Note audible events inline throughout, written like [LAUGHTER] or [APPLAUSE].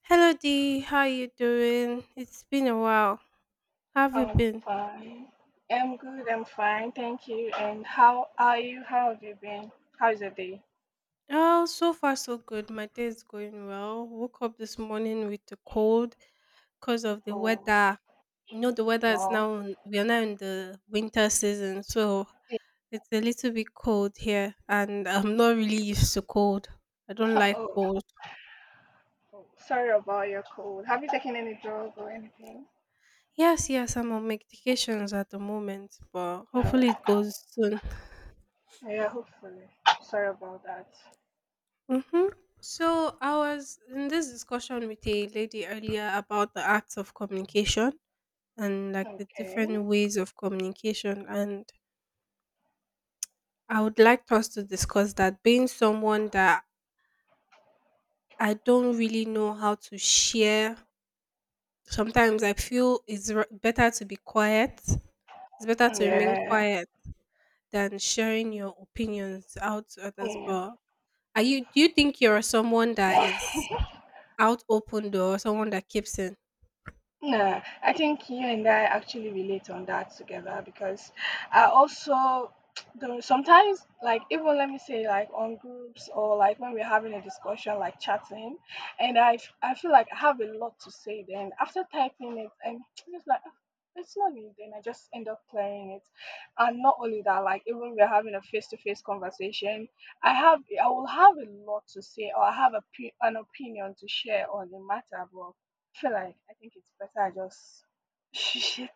Hello Dee, how you doing? It's been a while. How have you I'm been? fine. I'm good. I'm fine. Thank you. And how are you? How have you been? How's your day? Oh, so far so good. My day is going well. Woke up this morning with a cold because of the Oh, weather. You know the weather is wow. now [LAUGHS] we are now in the winter season, so it's a little bit cold here, and I'm not really used to cold. I don't like Oh, cold. oh, sorry about your cold. Have you taken any drug or anything? Yes, yes, I'm on medications at the moment, but All hopefully it right. goes soon. Yeah, hopefully. Sorry about that. Mm-hmm. So I was in this discussion with a lady earlier about the acts of communication and like the Okay. different ways of communication, and I would like us to discuss that. Being someone that I don't really know how to share, sometimes I feel it's better to be quiet. It's better to remain Yeah. quiet than sharing your opinions out to others. Yeah. But are you? Do you think you're someone that [LAUGHS] [COUGHS] is out open door, someone that keeps in? Yeah, I think you and I actually relate on that together, because I also [TSK] don't sometimes like, even let me say like on groups or like when we're having a discussion like chatting, and I feel like I have a lot to say, then after typing it I'm [TSK] just like, "Ah, it's not needed." Then I just end up clearing it. And not only that, like even we're having a face-to-face conversation, I will have a lot to say, or I have a, an opinion to share on the matter, but I feel like, I think it's better I just [LAUGHS] shit.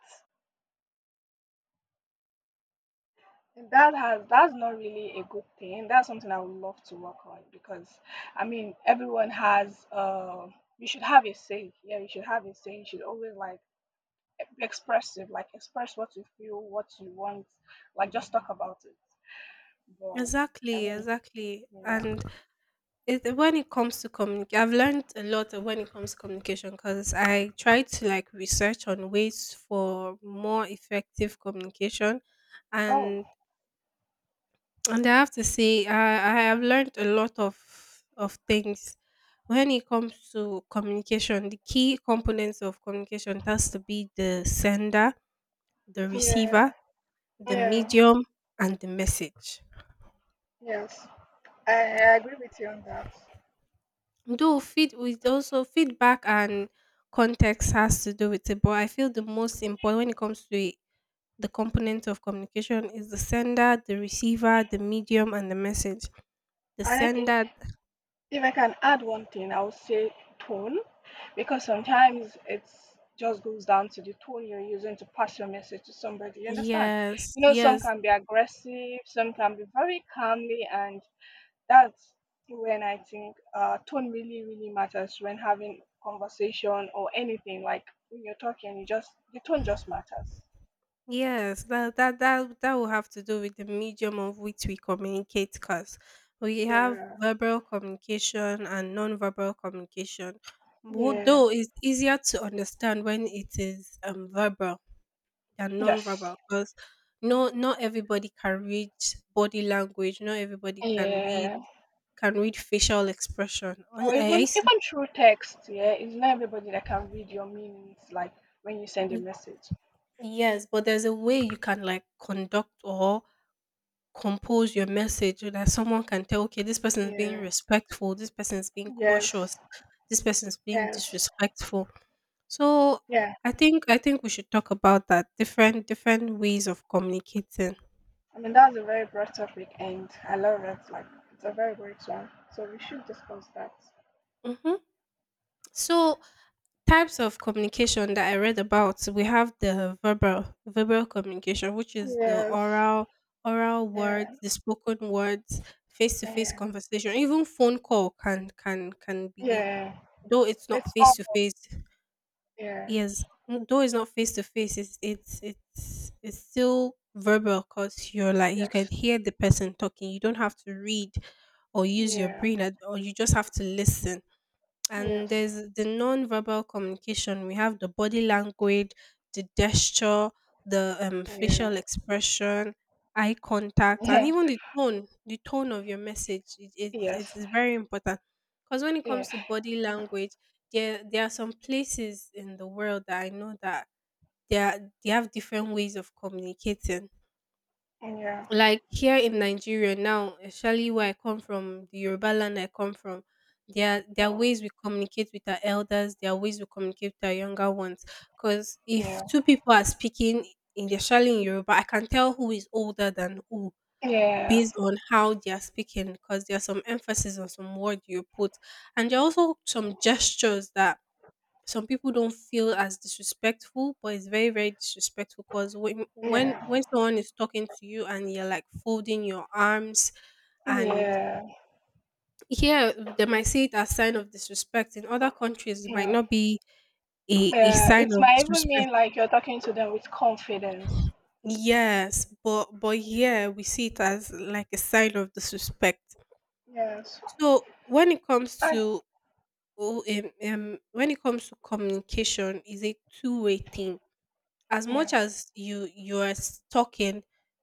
And that has That's not really a good thing. That's something I would love to work on, because I mean everyone has you should have a say. Yeah, you should have a say. You should always like be expressive, like express what you feel, what you want, like just talk about it. But I Exactly, mean, exactly. yeah. And it, when it comes to communication, I've learned a lot when it comes to communication because I tried to like research on ways for more effective communication, and Oh, and I have to say I have learned a lot of things when it comes to communication. The key components of communication has to be the sender, the receiver, yeah, the yeah, medium, and the message. yes. I agree with you on that. Though feed with also feedback and context has to do with it, but I feel the most important when it comes to it, the component of communication is the sender, the receiver, the medium, and the message. The And I think sender, if I can add one thing, I would say tone. Because sometimes it's just goes down to the tone you're using to pass your message to somebody. You understand? yes, You know, some yes, can be aggressive, some can be very calmly, and that's when I think tone really, really matters when having conversation or anything. Like when you're talking, you just the tone just matters. yes. That will have to do with the medium of which we communicate, because we have Yeah. verbal communication and non-verbal communication. Yeah. Though it's easier to understand when it is verbal than Yes. non-verbal because no, not everybody can read body language, not everybody Yeah. can read facial expression. Or even through text. Yeah, it's not everybody that can read your meanings. Like when you send a s- message. yes, but there's a way you can like conduct or compose your message so that someone can tell, okay, this person is being Yeah. respectful, this person is being cautious, Yes. this person is being Yes. disrespectful. So Yeah. I think we should talk about that, different ways of communicating. I mean, that's a very broad topic, and I love it. Like, it's a very great one. So we should discuss that. hmm so types of communication that I read about, we have the verbal communication, which is the Yes. oral words, Yeah. the spoken words, face to face Yeah. conversation, even phone call can be Yeah. though it's not It's all. face to face. Yeah. Yes, though it's not face to face, it's still verbal because you're like you can Yes. hear the person talking. You don't have to read or use your Yeah. brain, or you just have to listen, and Yes. there's the non-verbal communication. We have the body language, the gesture, the Yeah. facial expression, eye contact, and Yeah. even the tone, the tone of your message. it, it's Yes. it's very important because when it comes Yeah. to body language, there are some places in the world that I know that they, are, they have different ways of communicating, Yeah. like here in Nigeria now, especially where I come from, the Yoruba land I come from, there are Oh. ways we communicate with our elders, there are ways we communicate with our younger ones. Because if Yeah. two people are speaking in, especially in Yoruba, I can tell who is older than who Yeah. based on how they are speaking. Because there are some emphasis on some word you put, and there are also some gestures that some people don't feel as disrespectful, but it's very, very disrespectful because when when Yeah. when someone is talking to you and you're like folding your arms, and Yeah. here they might see it as sign of disrespect. In other countries, it might Yeah. not be a Yeah. It sign of might even disrespect. mean like you're talking to them with confidence. Yes, but here we see it as like a sign of disrespect. Yes. So when it comes I, to oh, when it comes to communication, is a two-way thing. As much yeah. as you are talking,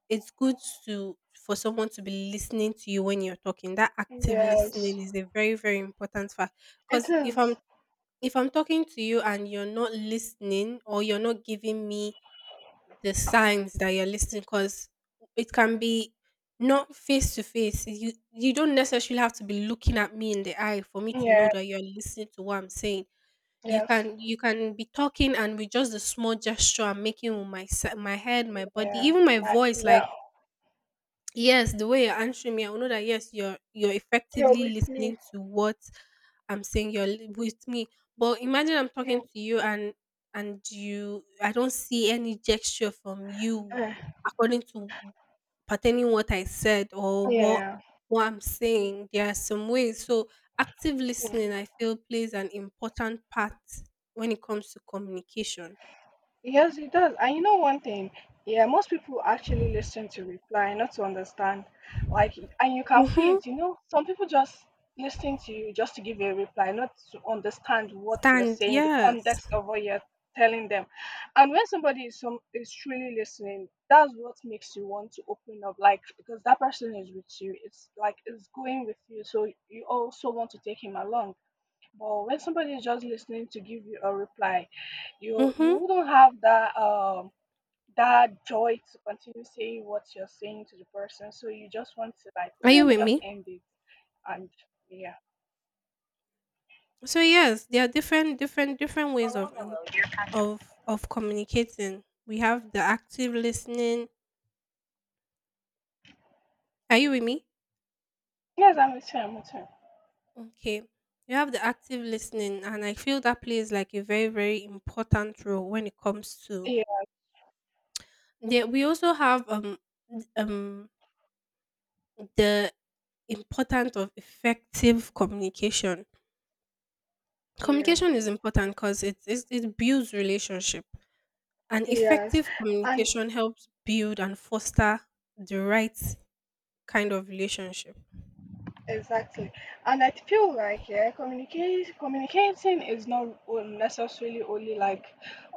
it's good to for someone to be listening to you when you're talking. That active Yes. listening is a very very important fact It because if i'm is. if i'm talking to you and you're not listening, or you're not giving me the signs that you're listening, because it can be not face to face. You don't necessarily have to be looking at me in the eye for me to know Yeah, that you're listening to what I'm saying. You yes, can you can be talking, and with just a small gesture I'm making with my my head, my body, yeah, even my my, voice, like yeah, yes, the way you're answering me, I will know that yes, you're you're effectively with me. listening to what I'm saying. You're with me, but imagine I'm Yeah, talking to you and you, I don't see any gesture from you uh, according to pertaining what I said or yeah, what I'm saying. There are some ways. So active listening, I feel, plays an important part when it comes to communication. yes, it does. And you know one thing? Yeah, most people actually listen to reply, not to understand. Like, and you can feel Mm-hmm. it. You know, some people just listen to you just to give you a reply, not to understand what you're Stand, saying, the yes. context of what you're telling them. And when somebody is some is truly listening, that's what makes you want to open up. Like, because that person is with you. It's like it's going with you, so you also want to take him along. But when somebody is just listening to give you a reply, you Mm-hmm. wouldn't have that that joy to continue saying what you're saying to the person. So you just want to like, Are okay, you let me with just me? end it and yeah. So yes, there are different ways of of communicating. We have the active listening. Are you with me? Yes, I'm with you, I'm with you. Okay, you have the active listening, and I feel that plays like a very very important role when it comes to, Yeah, there we also have th- um the importance of effective communication. yeah. Communication is important because it builds relationship, and Yes. effective And communication helps build and foster the right kind of relationship. exactly. And I feel like yeah, communication communicating is not necessarily only like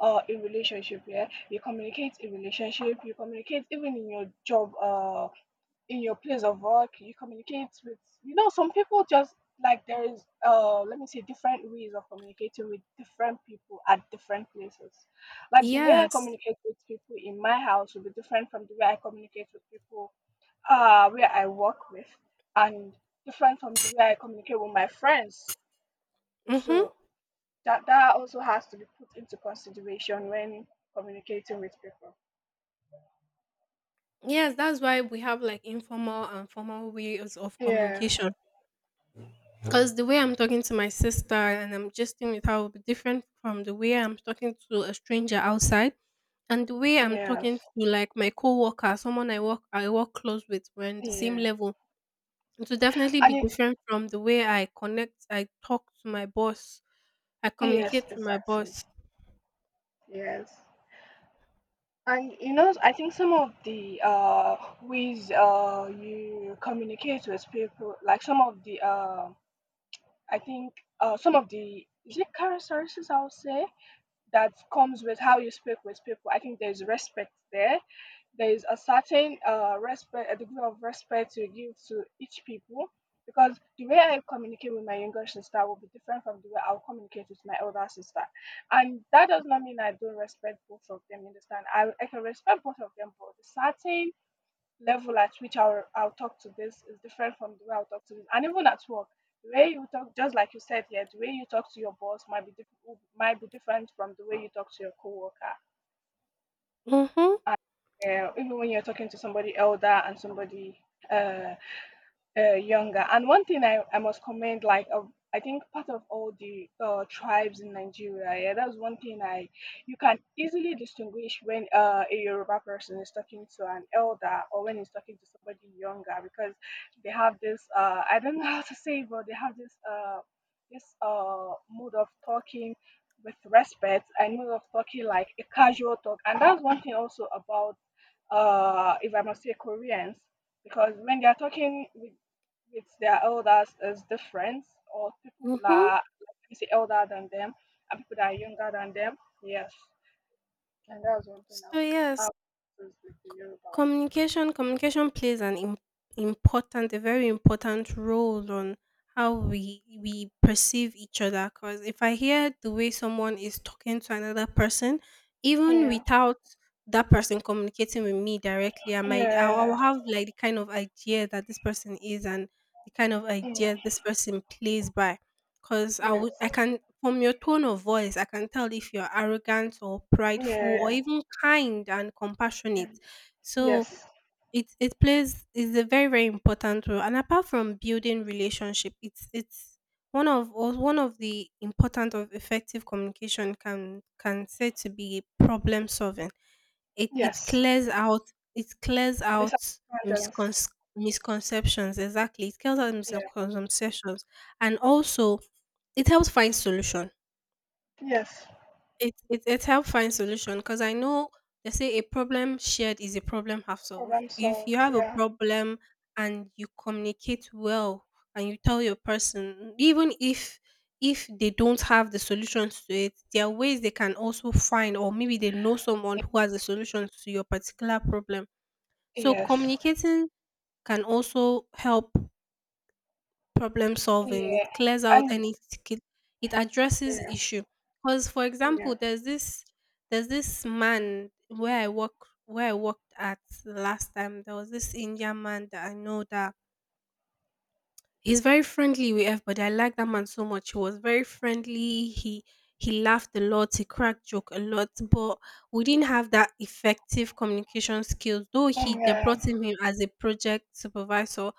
a relationship, yeah. You communicate in relationship, you communicate even in your job, in your place of work you communicate with, you know, some people just, like, there is let me say different ways of communicating with different people at different places, like the way I Yes. communicate with people in my house will be different from the way I communicate with people where I work with, and different from the way I communicate with my friends. Mm-hmm. So that that also has to be put into consideration when communicating with people. Yes, that's why we have like informal and formal ways of Yeah, communication. Because the way I'm talking to my sister and I'm gesting with her will be different from the way I'm talking to a stranger outside, and the way I'm yes, talking to like my coworker, someone I work close with, we're in the same yeah, level. It will definitely be and it, different from the way I connect, I talk to my boss, I yes communicate with my exactly. boss. Yes. And you know, I think some of the ways you communicate with people, like some of the, I think some of the, is it characteristics I would say that comes with how you speak with people. I think there's respect there, there is a certain respect, a degree of respect you give to each people, because the way I communicate with my younger sister will be different from the way I'll communicate with my older sister. And that does not mean I don't respect both of them, you understand? I can respect both of them, but the certain level at which I'll talk to this is different from the way I'll talk to this. And even at work, the way you talk, just like you said here, the way you talk to your boss might be, might be different from the way you talk to your coworker. Mm-hmm. I, yeah, even when you're talking to somebody elder and somebody uh younger. And one thing I must commend, like, I think part of all the tribes in Nigeria, yeah, that's one thing I, you can easily distinguish when a Yoruba person is talking to an elder or when he's talking to somebody younger, because they have this I don't know [LAUGHS] how to say, it, but they have this mode of talking with respect and mode of talking like a casual talk, and that's one thing also about if I must say Koreans, because when they are talking with their elders as different, or people who Mm-hmm. are like, let me say, elder than them, and people that are younger than them. Yes. And that's one thing So yes, I've noticed with the Yorubas. Communication plays an important, a very important role on how we perceive each other. Because if I hear the way someone is talking to another person, even Yeah. without that person communicating with me directly, I'll Yeah. have like the kind of idea that this person is, and the kind of Yeah. idea this person plays by. Because I Yes. would, I can from your tone of voice I can tell if you're arrogant or prideful or Yeah. even kind and compassionate. Yeah. So Yes. it plays is a very very important role, and apart from building relationship, it's one of, or one of the important of effective communication can say to be problem solving. It Yes. clears out, it clears out Misunderstandings. miscon misconceptions, exactly. It clears out Yeah. misconceptions, and also it helps find solution. Yes. It helps find solution because I know they say a problem shared is a problem half solved. Problem If you solved. have a Yeah. problem and you communicate well and you tell your person, even if they don't have the solutions to it, there are ways they can also find, or maybe they know someone who has a solution to your particular problem. So Yes. communicating can also help problem solving. It Yeah. clears out And any it addresses yeah. issue. Because for example, Yeah. There's this man where I work where I worked at the last time. There was this Indian man that I know that he's very friendly with everybody. I like that man so much. He was very friendly. He laughed a lot. He cracked joke a lot. But we didn't have that effective communication skills. Though he they Yeah. brought him in as a project supervisor,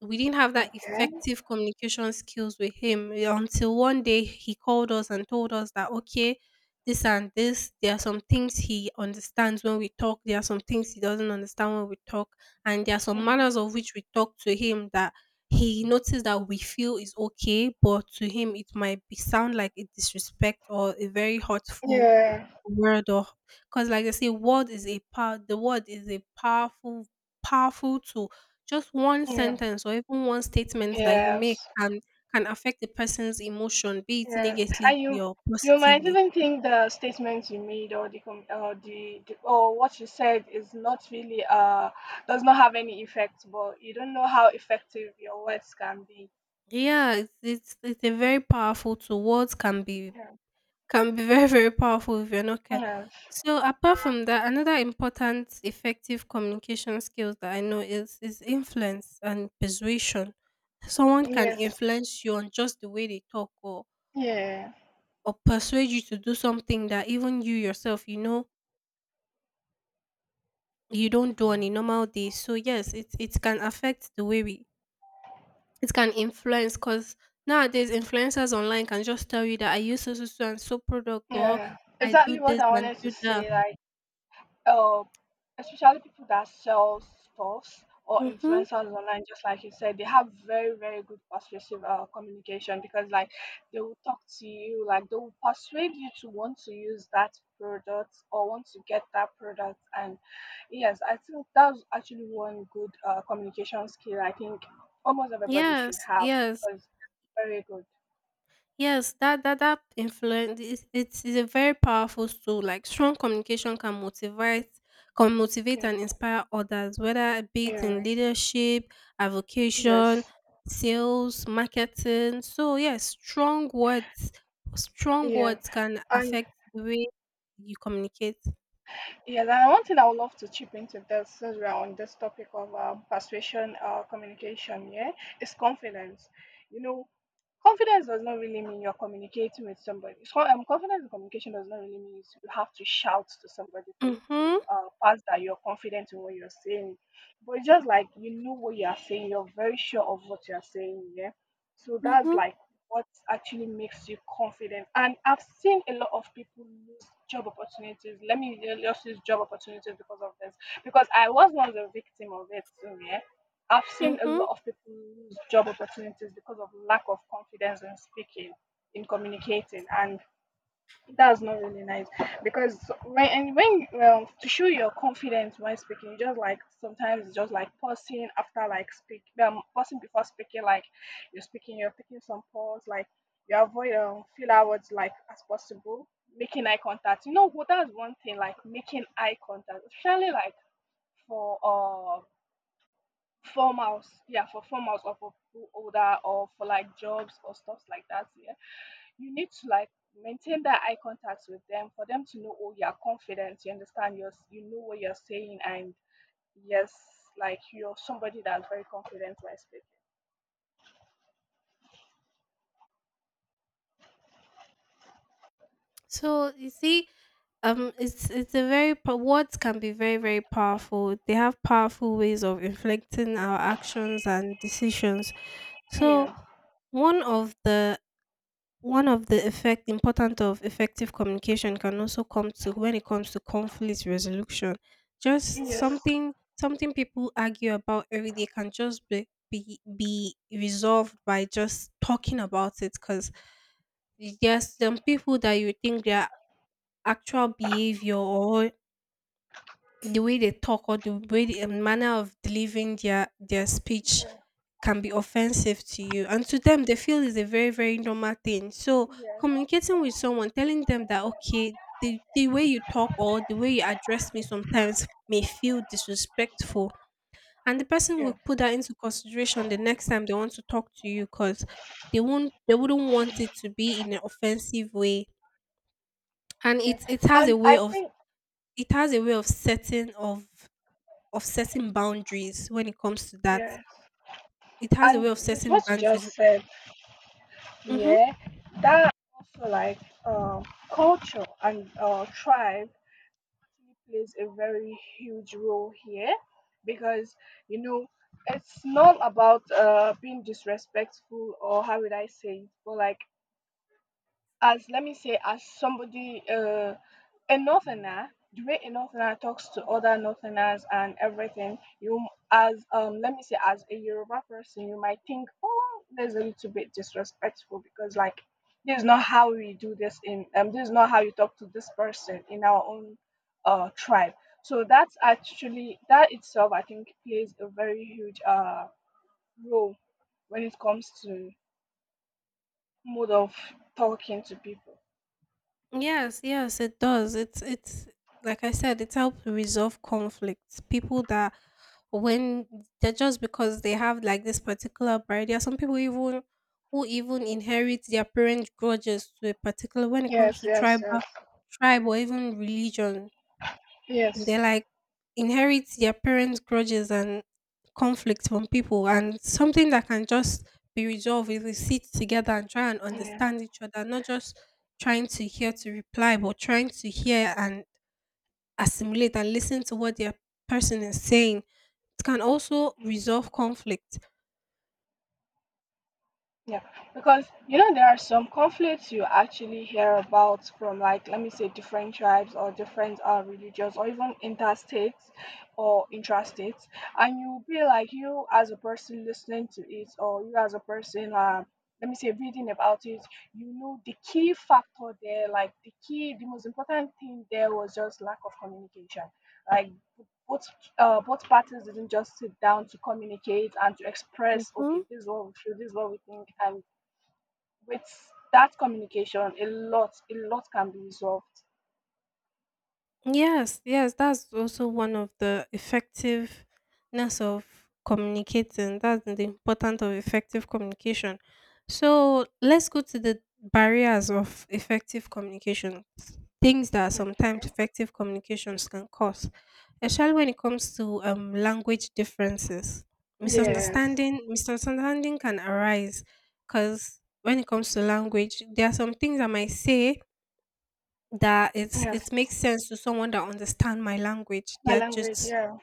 we didn't have that Okay. effective communication skills with him until one day he called us and told us that, okay, this and this, there are some things he understands when we talk, there are some things he doesn't understand when we talk, and there are some Mm. manners of which we talk to him that he noticed that we feel is okay, but to him it might be sound like a disrespect or a very hurtful Yeah. word, or because like I say, word is a power, the word is a powerful tool. Just one Yeah. sentence or even one statement that you Yes. make can affect the person's emotion, be it Yeah, negatively and you or you might positively. even think the statement you made or the com- or the or what you said is not really does not have any effect, but you don't know how effective your words can be. Yeah, it's a very powerful tool. Words Yeah. can be [LAUGHS] very, very powerful if you're not care. Yeah. So apart from that, another important effective communication skills that I know is influence and persuasion. Someone can Yes. influence you on just the way they talk Yeah. or persuade you to do something that even you yourself you know you don't do on a normal day. So yes, it can affect the way we, it can influence because nowadays influencers online can just tell you that I use so so so and so product or Yeah. I do Exactly what this I and wanted to do that. say. Like. uh, Especially people that sell stuffs or Mhm. influencers online, just like you said, they have very, very good persuasive communication, because, like, they will talk to you, like, they will persuade you to want to use that product or want to get that product. And yes, I think that's actually one good communication skill I think almost everybody should Yes, have, yes, because it's very good. yes. That influence is it's is a very powerful tool. Like strong communication can motivate Yeah, and inspire others, whether it be it yeah, in leadership, avocation, yes, sales, marketing. So yes, strong yeah. words can And affect the way you communicate. yes, and one thing I would love to chip into this, since we are on this topic of persuasion communication, yeah, is confidence. You know, confidence does not really mean you're communicating with somebody. So, confidence in communication does not really mean you have to shout to somebody for you to Mhm, pass that you're confident in what you're saying. But it's just like you know what you are saying, you're very sure of what you're saying. Yeah. So that's mhm, like what actually makes you confident. And I've seen a lot of people lose job opportunities. Let me just use job opportunities because of this, because I was once a victim of it. So, yeah. I've seen a mhm. lot of people lose job opportunities because of lack of confidence in speaking, in communicating, and that's not really nice. Because when and when to show your confidence when speaking, you just, like, sometimes it's just like pausing after like speak, pausing before speaking, like you're speaking, you're taking some pause, like you avoid feel words like as possible, making eye contact. You know, well, that's one thing, like making eye contact, especially like for form house, yeah, for form house or for people older or for like jobs or stuff like that. Yeah, you need to like maintain that eye contact with them for them to know, oh, you're confident, you understand, you know what you're saying, and yes, like you're somebody that's very confident while speaking. So you see, it's a very words can be very, very powerful. They have powerful ways of inflecting our actions and decisions. So Yeah. one of the one of the effect important of effective communication can also come to when it comes to conflict resolution. Just Yes. something people argue about every day can just be resolved by just talking about it, because there's some people that you think their actual behavior or the way they talk or the way the manner of delivering their speech Yeah, can be offensive to you, and to them they feel is a very, very normal thing. So yes, communicating with someone, telling them that, okay, the way you talk or the way you address me sometimes may feel disrespectful, and the person yeah. will put that into consideration the next time they want to talk to you, because they wouldn't want it to be in an offensive way, and Yeah. it has a And way I of think it has a way of setting boundaries when it comes to that. yes. It has a way And of with setting what you boundaries. just said, hmm yeah, that also like um culture and tribe actually plays a very huge role here, because you know it's not about being disrespectful or how would I say it, but like, as let me say as somebody, a northerner, the way a northerner talks to other northerners and everything you, as let me say as a Yoruba person, you might think oh, there's a little bit disrespectful because like this is not how we do this in this is not how you talk to this person in our own tribe, so that's actually that itself I think plays a very huge role when it comes to mode of talking to people. Yes, yes, it does. It's like I said, it helps resolve conflicts. People that when they're just Because they have like this particular bride, there are some people even who even inherit their parents' grudges to a particular, when it comes Yes, to yes, tribal yes, tribe or even religion. They yes. like inherit their parents' grudges and conflict from people, and something that can just be resolved if we sit together and try and Yeah, understand each other, not just trying to hear to reply, but trying to hear and assimilate and listen to what their person is saying. It can also resolve conflict. yeah. Because you know there are some conflicts you actually hear about from like let me say different tribes or different religions or even interstates or intrastates, and you'll be like you as a person listening to it or you as a person let me say reading about it, you know the key factor there, like the key, the most important thing there was just lack of communication. Like both both parties didn't just sit down to communicate and to express Mhm. okay this is what we feel this is what we think and with that communication a lot can be resolved. Yes, yes, that's also one of the effectiveness of communicating. That's the importance of effective communication. So let's go to the barriers of effective communication. Things that sometimes Okay. effective communications can cause, especially when it comes to language differences. Yes. Misunderstanding can arise because when it comes to language, there are some things I might say that it's Yes. it makes sense to someone that understand my language. My There are language. just Yeah.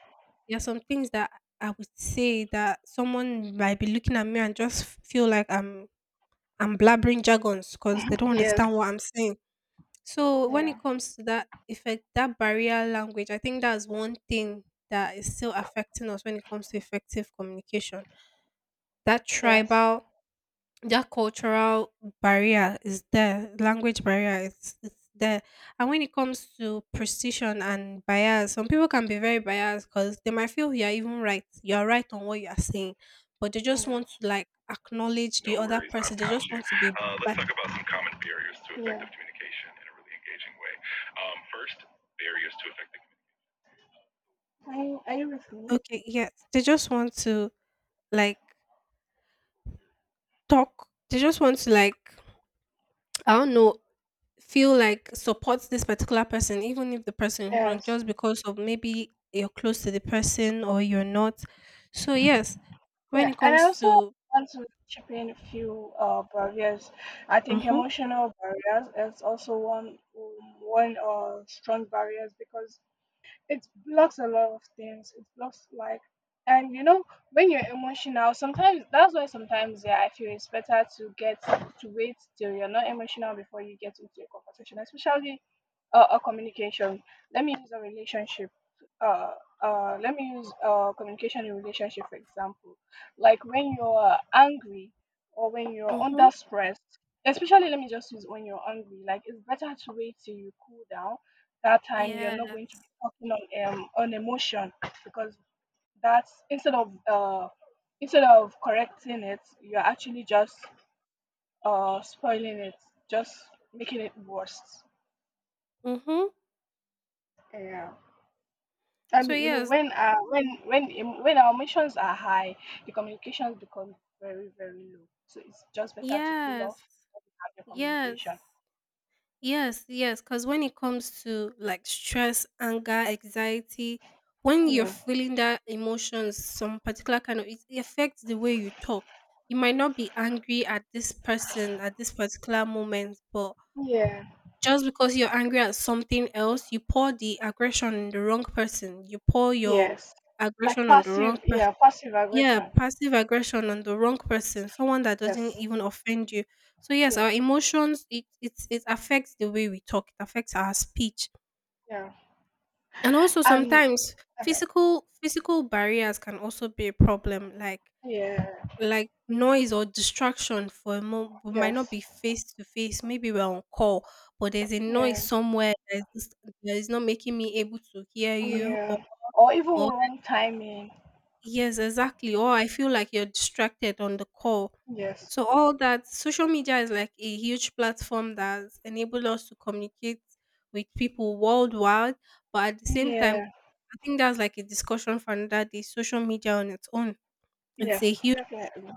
there are some things that I would say that someone might be looking at me and just feel like I'm blabbering jargons because they [LAUGHS] don't Yes. understand what I'm saying. So when Yeah. it comes to that effect, that barrier language, I think that's one thing that is still affecting us when it comes to effective communication. That Yes. tribal that cultural barrier is there, language barrier is it's there. And when it comes to precision and bias, some people can be very biased because they might feel you're even right, you're right on what you're saying, but they just Yeah. want to like acknowledge the No other worries, person, I've they got just you. want to be, Let's but talk about some common barriers to Yeah. effective communication in a really engaging way. First, barriers to effective communication. Are you with me? okay, yes, they just want to like talk, they just want to like, I don't know, feel like support this particular person, even if the person is wrong, Yes. just because of maybe you're close to the person or you're not. So yes, when Yeah, it and I comes also to, want to chip in a few barriers. I think mhm, emotional barriers is also one strong barriers because it blocks a lot of things. It blocks like and you know when you're emotional sometimes that's why sometimes yeah I feel it's better to get to wait till you're not emotional before you get into a conversation especially a communication, let me use a relationship, uh let me use communication in relationship for example, like when you're angry or when you're under mhm, stress, especially let me just use when you're angry, like it's better to wait till you cool down. That time you're yes, not going to talking on emotion because that's instead of correcting it, you're actually just spoiling it, just making it worse. mhm. Yeah. And So you know yes, when when our emotions are high, the communications become very very low. So it's just better to cool yes, off and have your yes. communication. Yes, yes, because when it comes to like stress, anger, anxiety, when you're Yeah. feeling that emotions, some particular kind of it, it affects the way you talk. You might not be angry at this person at this particular moment, but Yeah. just because you're angry at something else, you pour the aggression on the wrong person. You pour your Yes. Like aggression on the wrong passive. person Yeah. Passive Yeah, aggression. passive aggression on the wrong person, someone that doesn't Yes. even offend you. So yes, Yeah. our emotions, it affects the way we talk, it affects our speech. Yeah. And also And sometimes okay. physical barriers can also be a problem, Yeah. like noise or distraction. For a moment, we might not Yes. be face to face, maybe we're on call, but there's a noise Yeah. somewhere that that is not making me able to hear you or, Yeah. Or even wrong timing. yes, exactly. Or I feel like you're distracted on the call. Yes. So all that, social media is like a huge platform that's enabled us to communicate with people worldwide. But at the same time, Yeah. I think that's like a discussion for another day. Social media on its own, it's a Yes. huge, Definitely.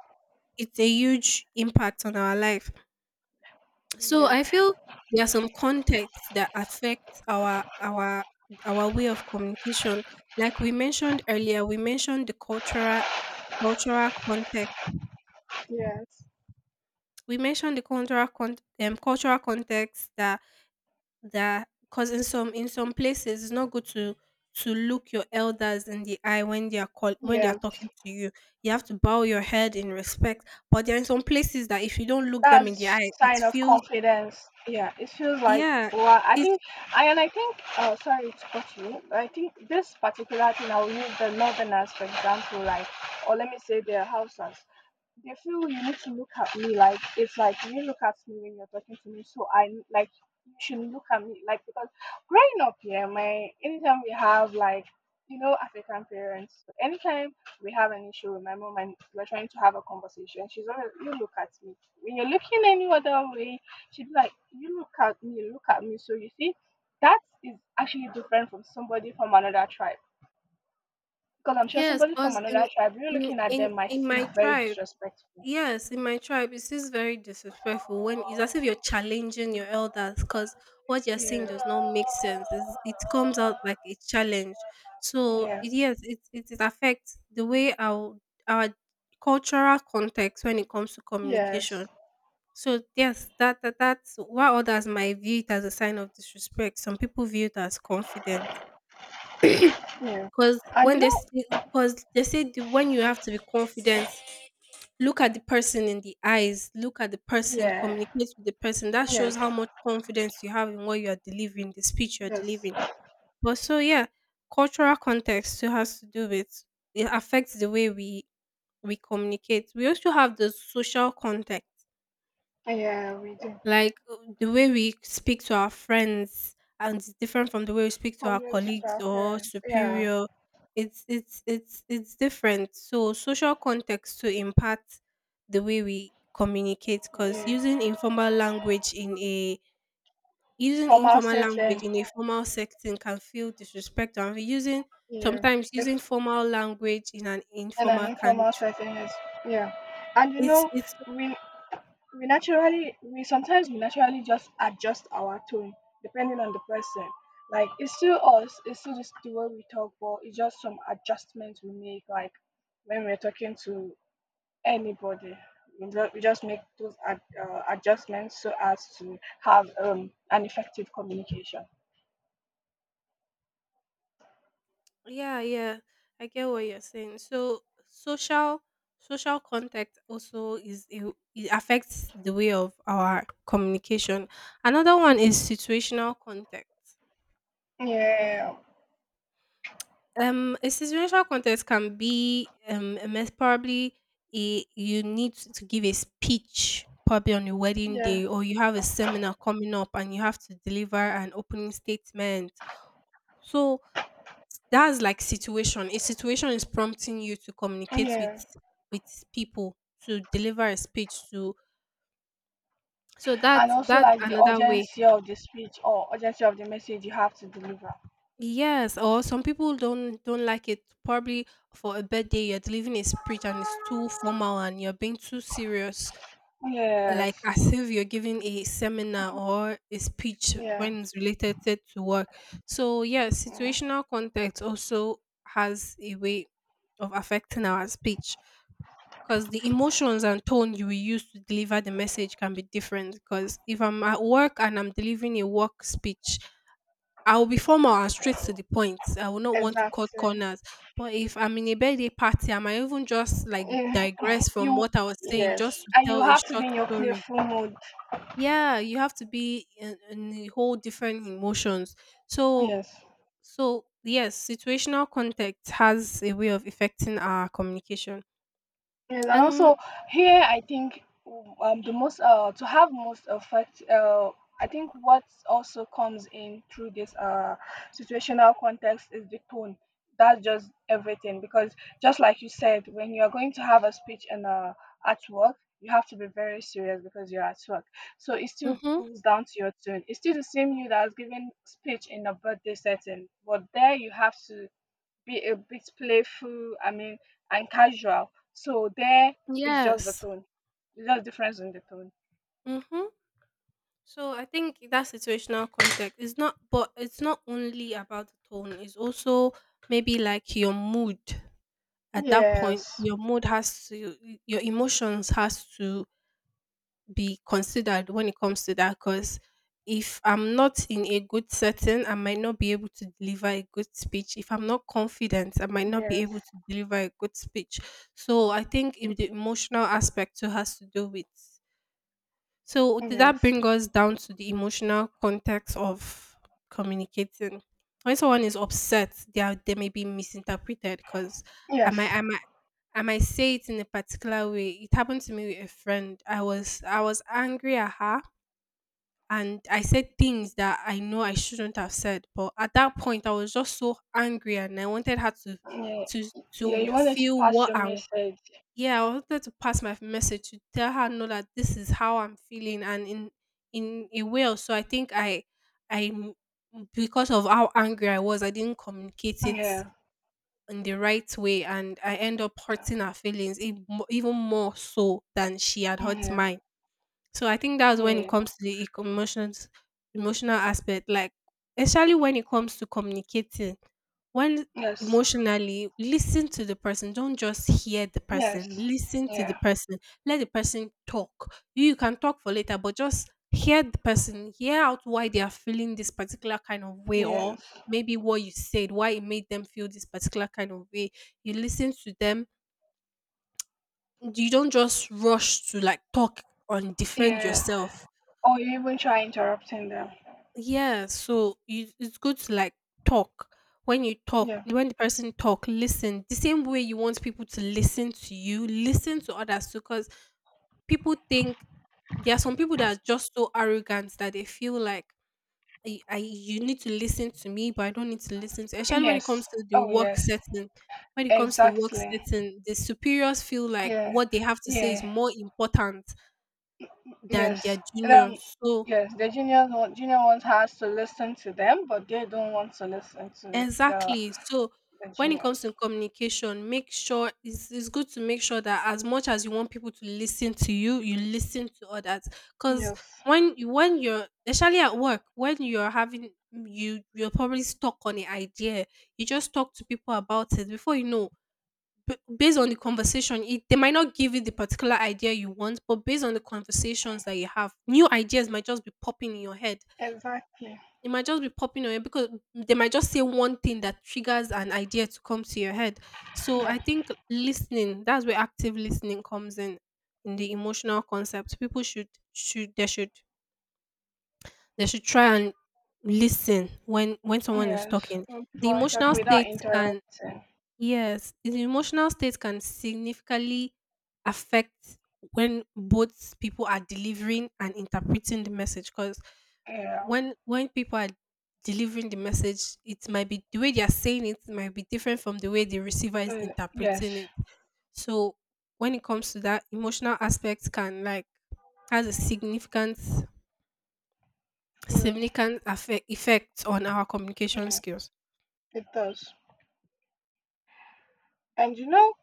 it's a huge impact on our life. So Yeah. I feel there are some contexts that affect our way of communication. Like we mentioned earlier, we mentioned the cultural context. Yes. We mentioned the cultural cultural context, that that because in some places it's not good to look your elders in the eye when they are when they are Yeah. talking to you. You have to bow your head in respect. But there are some places that if you don't look them in the That's eye, it sign of feels, confidence. Yeah. It feels like, yeah, well, I it, think I think sorry to cut you. I think this particular thing I'll use the northerners for example, like or let me say their houses. They feel you need to look at me, like it's like you look at me when you're talking to me, so I like you should look at me like because growing up here, my anytime we have like you know African parents, anytime we have an issue with my mom and we're trying to have a conversation, she's always you look at me when you're looking any other way. She'd be like you look at me, look at me. So you see that is actually different from somebody from another tribe because I'm sure yes, somebody from cause another tribe, you looking at them might in seem my very tribe, disrespectful. yes, in my tribe, it is very disrespectful, when it's as if you're challenging your elders, cause what you're saying Yeah. does not make sense. It's it comes out like a challenge. So, Yeah. it yes, it affects the way our cultural context when it comes to communication. Yes. So yes, that's while others might view it as a sign of disrespect, some people view it as confidence. Yeah. 'Cause And when you they know, cause they say the, when you have to be confident, look at the person in the eyes, look at the person, yeah. communicate with the person. That shows Yes. how much confidence you have in what you are delivering, the speech you're Yes. delivering. But so yeah, cultural context still has to do with, it affects the way we communicate. We also have the social context. Yeah, we do. Like the way we speak to our friends, and it's different from the way we speak to our Problems with colleagues our or parents. Yeah. superior. It's different. So social context to impact the way we communicate, because Yeah. using informal language in a, using Formal informal language setting. in a formal setting can feel disrespectful, and using Yeah. sometimes using If formal language in an in an informal can, informal setting is yeah. And you it's know, it's we we sometimes we naturally just adjust our tone depending on the person. Like it's still us, it's still just the way we talk, but it's just some adjustments we make like when we're talking to anybody. We just make those adjustments so as to have an effective communication. yeah, yeah. I get what you're saying. So social contact also is a, it affects the way of our communication. Another one is situational context. Yeah, A situational context can be, a mess probably, a, you need to give a speech probably on a wedding yeah, day, or you have a seminar coming up and you have to deliver an opening statement. So that's like situation. A situation is prompting you to communicate yeah. with people, to deliver a speech to, so And also that's like the another way. urgency of the speech or urgency of the message you have to deliver. Yes, or some people don't like it. Probably for a birthday, you're delivering a speech and it's too formal and you're being too serious, like Yes, as if you're giving a seminar or a speech yeah, when it's related to work. So yeah, yeah. situational context also has a way of affecting our speech. Because the emotions and tone you will use to deliver the message can be different. Because if I'm at work and I'm delivering a work speech, I will be formal and straight to the point. I will not want to cut Exactly. corners. But if I'm in a birthday party, I might even just like Yeah. [LAUGHS] digress from You, what I was saying yes. just to And you tell a have to short be in your story. playful mood. Yeah, you have to be in a whole different emotions. So, Yes. so yes, situational context has a way of affecting our communication. Yes, and And also here I think the most to have most effect I think what also comes in through this situational context is the tone. That's just everything because just like you said, when you are going to have a speech and at work, you have to be very serious because you're at work. So it still mm-hmm, goes down to your tone. It's still the same you that's giving speech in a birthday setting, but there you have to be a bit playful, I mean, and casual. So there is just the yes. tone, just difference in the tone. Mm-hmm. So I think that situational context is not, but it's not only about the tone. It's also maybe like your mood at that point. Yes, Your mood has to, your emotions has to be considered when it comes to that. Because if I'm not in a good setting, I might not be able to deliver a good speech. If I'm not confident, I might not be yes, able to deliver a good speech. So I think if the emotional aspect too has to do with, so did that yes, bring us down to the emotional context of communicating? When someone is upset, they are, they may be misinterpreted because I yes. might I might I might say it in a particular way. It happened to me with a friend. I was angry at her and I said things that I know I shouldn't have said. But at that point I was just so angry and I wanted her to Yeah, to yeah. to You wanted to feel pass what your I message. Yeah, I wanted to pass my message, to tell her no, that this is how I'm feeling. And in a way also I think I m- because of how angry I was, I didn't communicate it Yeah, in the right way and I end up yeah, hurting her feelings even more so than she had hurt yeah, mine. So I think that's when it yeah. comes to the emotions, emotional aspect, like especially when it comes to communicating, when Yes, emotionally listen to the person. Don't just hear the yes, person, listen to the yeah, person, let the person talk. You can talk for later, but just hear the person, hear out why they are feeling this particular kind of way, or yes, maybe what you said, why it made them feel this particular kind of way. You listen to them. You don't just rush to like talk and defend yeah. yourself. Or you even try interrupting them. Yeah, so it's good to like talk. When you talk, Yeah. when the person talk, listen. The same way you want people to listen to you, listen to others too. Because people think, there are some people that are just so arrogant that they feel like I you need to listen to me, but I don't need to listen to. Especially when it comes Yes. to the Oh, work yes. setting. When it comes to the work Exactly. setting, the superiors feel like Yeah. what they have to say is Yeah. more important than their Yes. Um, juniors. So yes, the juniors want junior ones has to listen to them, but they don't want to listen to the exactly. So the when it juniors. comes to communication, make sure it's good to make sure that as much as you want people to listen to you, you listen to others. Because Yes, when you're especially at work, when you're having you're probably stuck on an idea, you just talk to people about it before you know. Based on the conversation, they might not give you the particular idea you want, but based on the conversations that you have, new ideas might just be popping in your head. exactly. It might just be popping on you because they might just say one thing that triggers an idea to come to your head. So Yeah. I think listening, that's where active listening comes in the emotional concept. People should try and listen when someone is Yes. talking. When The people are talking emotional without state can interrupting. Yes, the emotional state can significantly affect when both people are delivering and interpreting the message. Because Yeah. when people are delivering the message, it might be, the way they are saying it might be different from the way the receiver is Yes. interpreting it. So when it comes to that, emotional aspect can like has a significant Yeah. significant affect, effect on our communication Yeah. skills. It does. And you know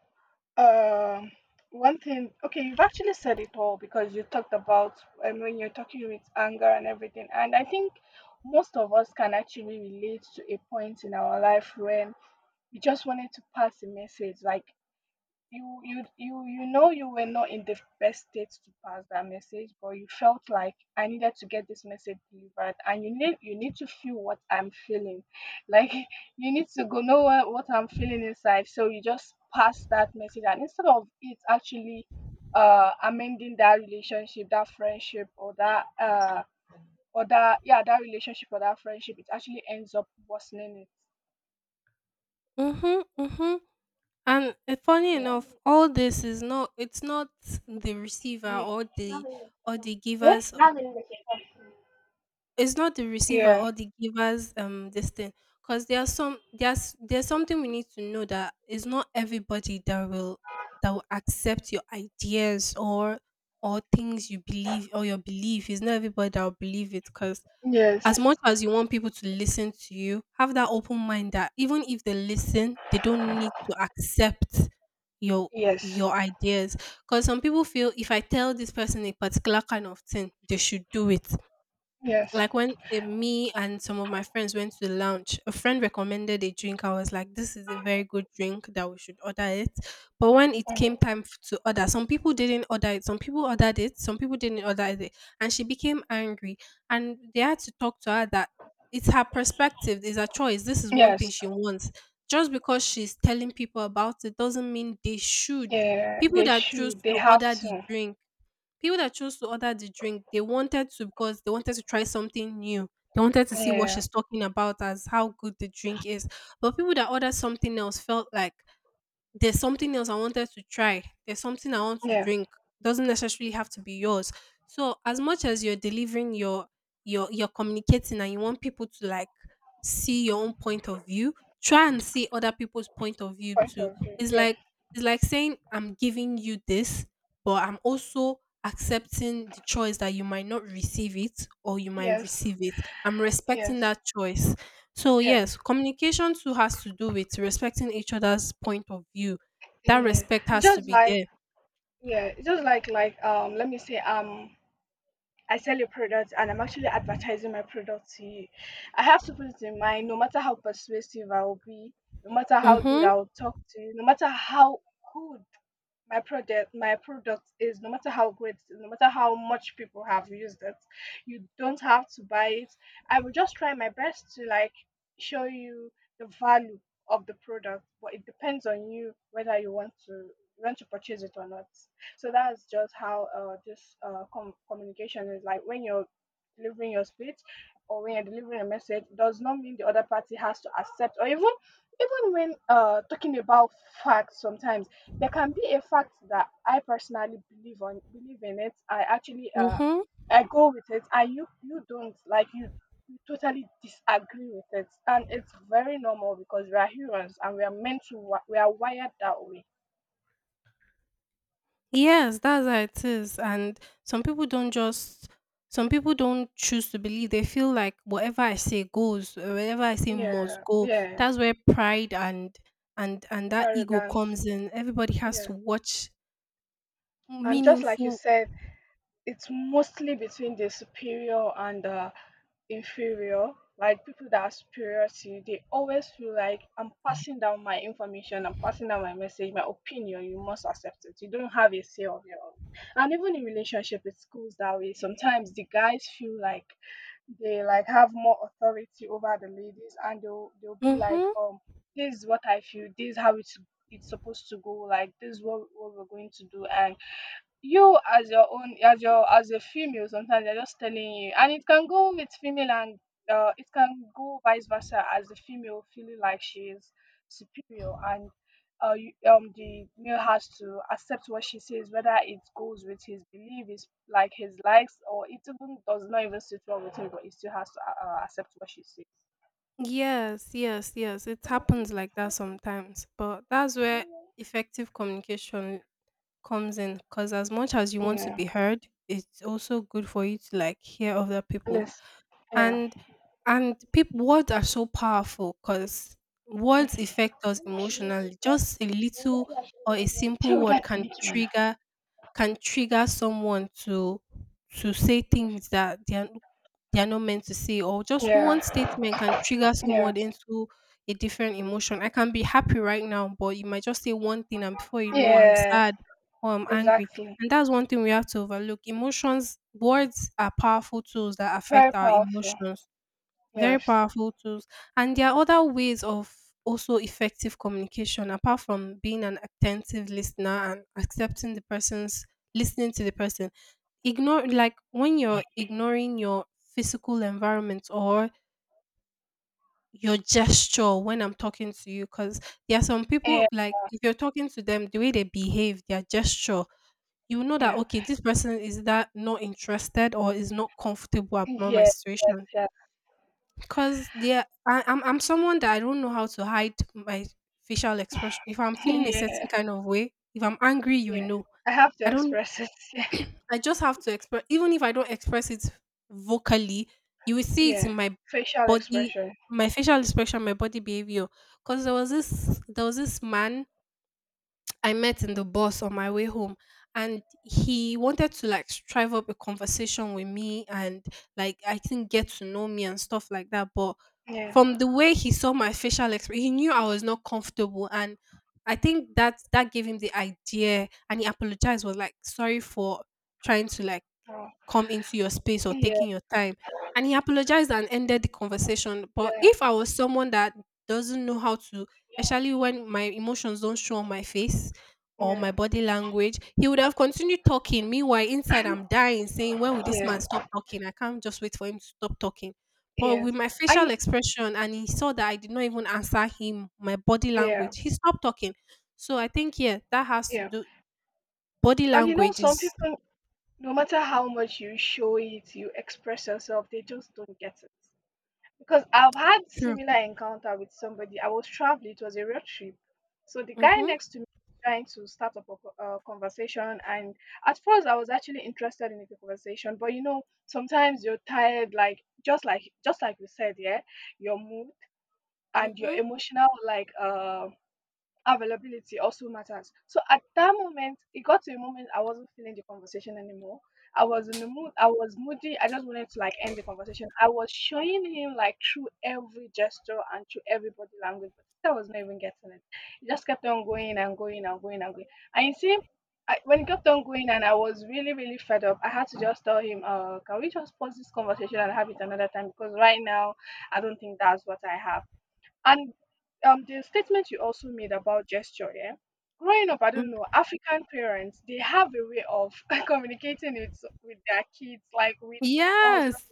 Um, one thing, okay, you've actually said it all because you talked about, I mean, you're talking with anger and everything. And I think most of us can actually relate to a point in our life when we just wanted to pass a message. Like, you know you were not in the best state to pass that message, but you felt like I needed to get this message delivered and you need to feel what I'm feeling, like [LAUGHS] you need to go know what I'm feeling inside. So you just pass that message and instead of it actually amending that relationship that friendship or that yeah that relationship or that friendship, it actually ends up worsening it. Mhm, mhm. And funny enough, all this is not, the receiver Yeah. or the giver's... Eh? It's not the receiver Yeah. or the giver's this thing. Because there's something we need to know, that it's not everybody that will accept your ideas or things you believe or your belief. It's not everybody that will believe it. Because Yes. as much as you want people to listen to you, have that open mind that even if they listen, they don't need to accept your Yes. your ideas. Because some people feel, if I tell this person a particular kind of thing, they should do it. Yes. Like when me and some of my friends went to the lounge, a friend recommended a drink. I was like, this is a very good drink, that we should order it. But when it Mm. came time to order, some people didn't order it. Some people ordered it. Some people didn't order it. And she became angry. And they had to talk to her that it's her perspective, it's her choice. This is one thing Yes. she wants. Just because she's telling people about it doesn't mean they should. Yeah. People They that choose should. They to have order the to. drink People that chose to order the drink, they wanted to because they wanted to try something new. They wanted to see what Yeah. she's talking about, as how good the drink is. But people that ordered something else felt like, there's something else I wanted to try. There's something I want to Yeah. drink. Doesn't necessarily have to be yours. So as much as you're delivering your you're communicating and you want people to like see your own point of view, try and see other people's point of view Quite too. agree. It's Yeah. like, it's like saying, I'm giving you this, but I'm also accepting the choice that you might not receive it or you might Yes. receive it. I'm respecting Yes. that choice. So Yeah. yes, communication too has to do with respecting each other's point of view. That Yeah. respect has to Just be like there. yeah. Just like like. Let me say, I sell a product and I'm actually advertising my product to you. I have to put it in mind. No matter how persuasive I will be, no matter how good Mm-hmm, I will talk to you, no matter how good my product is, no matter how great it is, no matter how much people have used it, you don't have to buy it. I will just try my best to like show you the value of the product, but it depends on you whether you want to purchase it or not. So that's just how this communication is, like when you're delivering your speech or when you're delivering a message does not mean the other party has to accept. Or even when talking about facts sometimes, there can be a fact that I personally believe in it. I actually mm-hmm. I go with it and you don't like you totally disagree with it, and it's very normal because we are humans and we are meant to we are wired that way. Yes, that's how it is. And some people don't just some people don't choose to believe. They feel like whatever I say goes, whatever I say must Yeah, go. yeah, That's where pride and that ego Arrogance. comes in. Everybody has to Yeah, watch and just like you meaningful. said, it's mostly between the superior and the inferior. Like people that are superior to you, they always feel like I'm passing down my information, I'm passing down my message, my opinion, you must accept it, you don't have a say of your own. And even in relationship it goes that way. Sometimes the guys feel like they like have more authority over the ladies, and they'll be like Mm-hmm. This is what I feel, this is how it's supposed to go, like this is what we're going to do. And you as your own, as a female, sometimes they're just telling you, and it can go with female and it can go vice versa, as the female feeling like she is superior, and the male has to accept what she says, whether it goes with his likes or it even does not even sit well with him, but he still has to accept what she says. Yes, yes, yes. It happens like that sometimes. But that's where effective communication comes in. Because as much as you want to Yeah, be heard, it's also good for you to like hear other people. let's yeah And people, words are so powerful because yeah. words affect us emotionally. Just a little or a simple word can trigger someone to say things that they are not meant to say, or just Yeah. one statement can trigger Yeah. someone into a different emotion. I can be happy right now, but you might just say one thing and before you know, I'm Yeah. sad or I'm angry. Exactly. And that's one thing we have to overlook. Emotions, words are powerful tools that affect Very our powerful. emotions. Very Yes. powerful tools. And there are other ways of also effective communication apart from being an attentive listener and accepting the person's, listening to the person. Ignore, like when you're ignoring your physical environment or your gesture when I'm talking to you. Because there are some people, Yeah. like if you're talking to them, the way they behave, their gesture, you know that Yeah. okay, this person is that not interested or is not comfortable about my yeah, Yes. situation. Yes. Cause there, I'm someone that I don't know how to hide my facial expression. If I'm [LAUGHS] feeling a certain Yeah. kind of way, if I'm angry, you will Yeah. know. I have I to don't. express it. [LAUGHS] I just have to express. Even if I don't express it vocally, you will see Yeah. it Yeah. in my Facial body, expression. my facial expression, my body behavior. Cause there was this man I met in the bus on my way home, and he wanted to like strive up a conversation with me and like I think get to know me and stuff like that. But Yeah. from the way he saw my facial expression, he knew I was not comfortable, and I think that that gave him the idea and he apologized, was like sorry for trying to like Oh. come into your space or Yeah. taking your time. And he apologized and ended the conversation. But Yeah. if I was someone that doesn't know how to, especially when my emotions don't show on my face or my Yeah. body language, he would have continued talking. Meanwhile, inside I'm dying, saying, when will this man Yeah. stop talking? I can't just wait for him to stop talking. But with Yes. my facial I. expression, and he saw that I did not even answer him, my body language, Yeah. he stopped talking. So I think, yeah, that has to Yeah. do, body And you know, language some is people, no matter how much you show it, you express yourself, they just don't get it. Because I've had true. similar encounter with somebody. I was traveling, it was a road trip. So the guy Mm-hmm, next to me was trying to start up a conversation, and at first I was actually interested in the conversation, but you know, sometimes you're tired, like just like we said, yeah, your mood and your mm-hmm. emotional like availability also matters. So at that moment, it got to a moment I wasn't feeling the conversation anymore. I was in the mood, I was moody. I just wanted to like end the conversation. I was showing him like through every gesture and through every body language, but I was not even getting it. It just kept on going and going and going and going. And you see, I, when it kept on going and I was really, really fed up, I had to just tell him, can we just pause this conversation and have it another time? Because right now, I don't think that's what I have. And the statement you also made about gesture, yeah. Growing up, I don't know, African parents, they have a way of [LAUGHS] communicating it with their kids, like with us. Yes,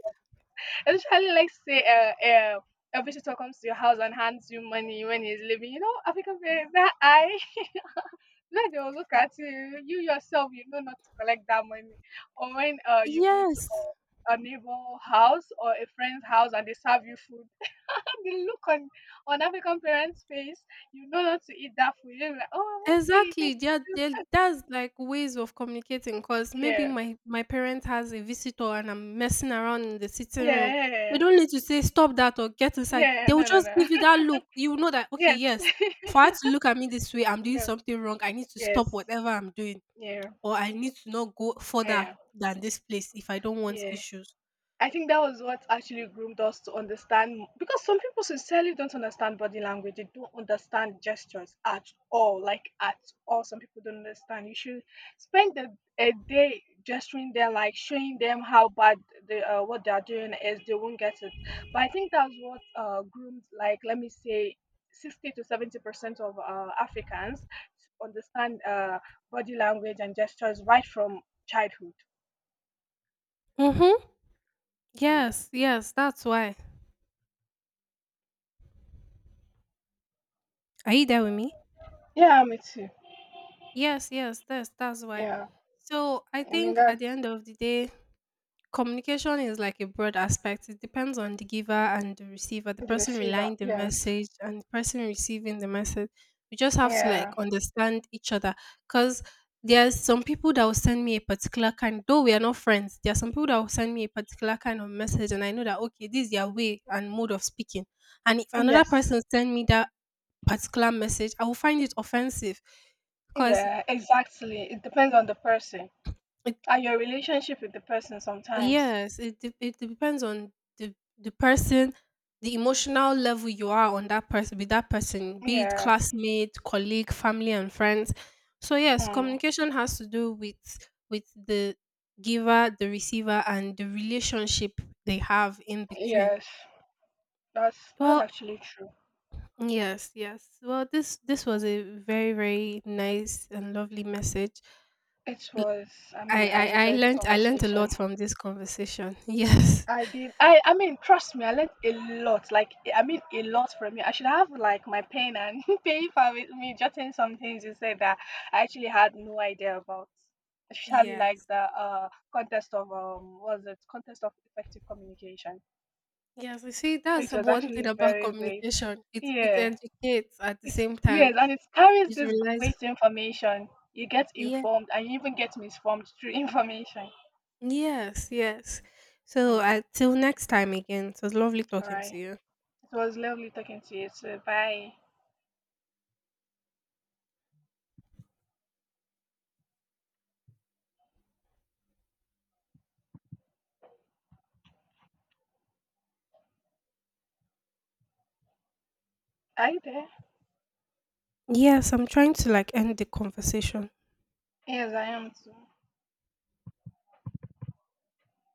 Especially, like say, a visitor comes to your house and hands you money when he's leaving. You know, African parents, that eye, [LAUGHS] then they will look at you. You yourself, you know not to collect that money. Or when you go to yes, a neighbor house or a friend's house and they serve you food, the look on African parents' face, you know not to eat that food. You're like, oh, okay, thank exactly. Yeah, you. there, that's like ways of communicating. Cause maybe Yeah, my parent has a visitor and I'm messing around in the sitting yeah, room. yeah. yeah, They yeah. don't need to say stop that or get inside. Yeah. They will No, no, just no. give you [LAUGHS] that look. You know that okay, Yes. yes, for her [LAUGHS] to look at me this way, I'm doing yes, something wrong. I need to stop yes. whatever I'm doing, Yeah, or I need to not go further yeah, than this place if I don't want yeah. issues. I think that was what actually groomed us to understand, because some people sincerely don't understand body language. They don't understand gestures at all. Like at all, some people don't understand. You should spend a day gesturing them, like showing them how bad they, what they are doing is. They won't get it. But I think that's what groomed, like let me say, 60 to 70% of Africans to understand body language and gestures right from childhood. Mhm. Yeah. Yes, yes, that's why. Are you there with me? Yeah, me too. Yes, yes, that's why. Yeah. So I I mean think that at the end of the day, communication is like a broad aspect. It depends on the giver and the receiver, the the person receiver, relying the yes. message and the person receiving the message. We just have to like Yeah. understand each other. Because there's some people that will send me a particular kind, though we are not friends, there are some people that will send me a particular kind of message and I know that okay, this is their way and mode of speaking. And if another Yes. person send me that particular message, I will find it offensive. Because Yeah, exactly. It depends on the person and your relationship with the person sometimes. yes, it depends on the person, the emotional level you are on that person, with that person, be it Yeah. classmate, colleague, family, and friends. So yes, Mm. communication has to do with the giver, the receiver, and the relationship they have in between. Yes. That's Well, actually true. yes, yes. Well, this was a very very nice and lovely message. It L- was, I mean, I I enjoyed the learned, I learned a lot conversation. from this conversation. [LAUGHS] Yes. I did. I mean, trust me, I learned a lot. Like I mean, a lot from you. I should have like my pen and [LAUGHS] paper with me, jotting some things you said that I actually had no idea about. Especially like Yes. the contest of what was it contest of effective communication. Yes, you see, So that's it was one thing actually about very great. communication. It Yeah, educates at the it's same time. yes, and it carries It this relies. great information. You get Yeah. informed and you even get misinformed through [LAUGHS] information. Yes. Yes. So Mm, till next time again. It was lovely all talking to right. you. It was lovely talking to you. So bye. Hi there. Yes, I'm trying to like end the conversation. Yes, I am too.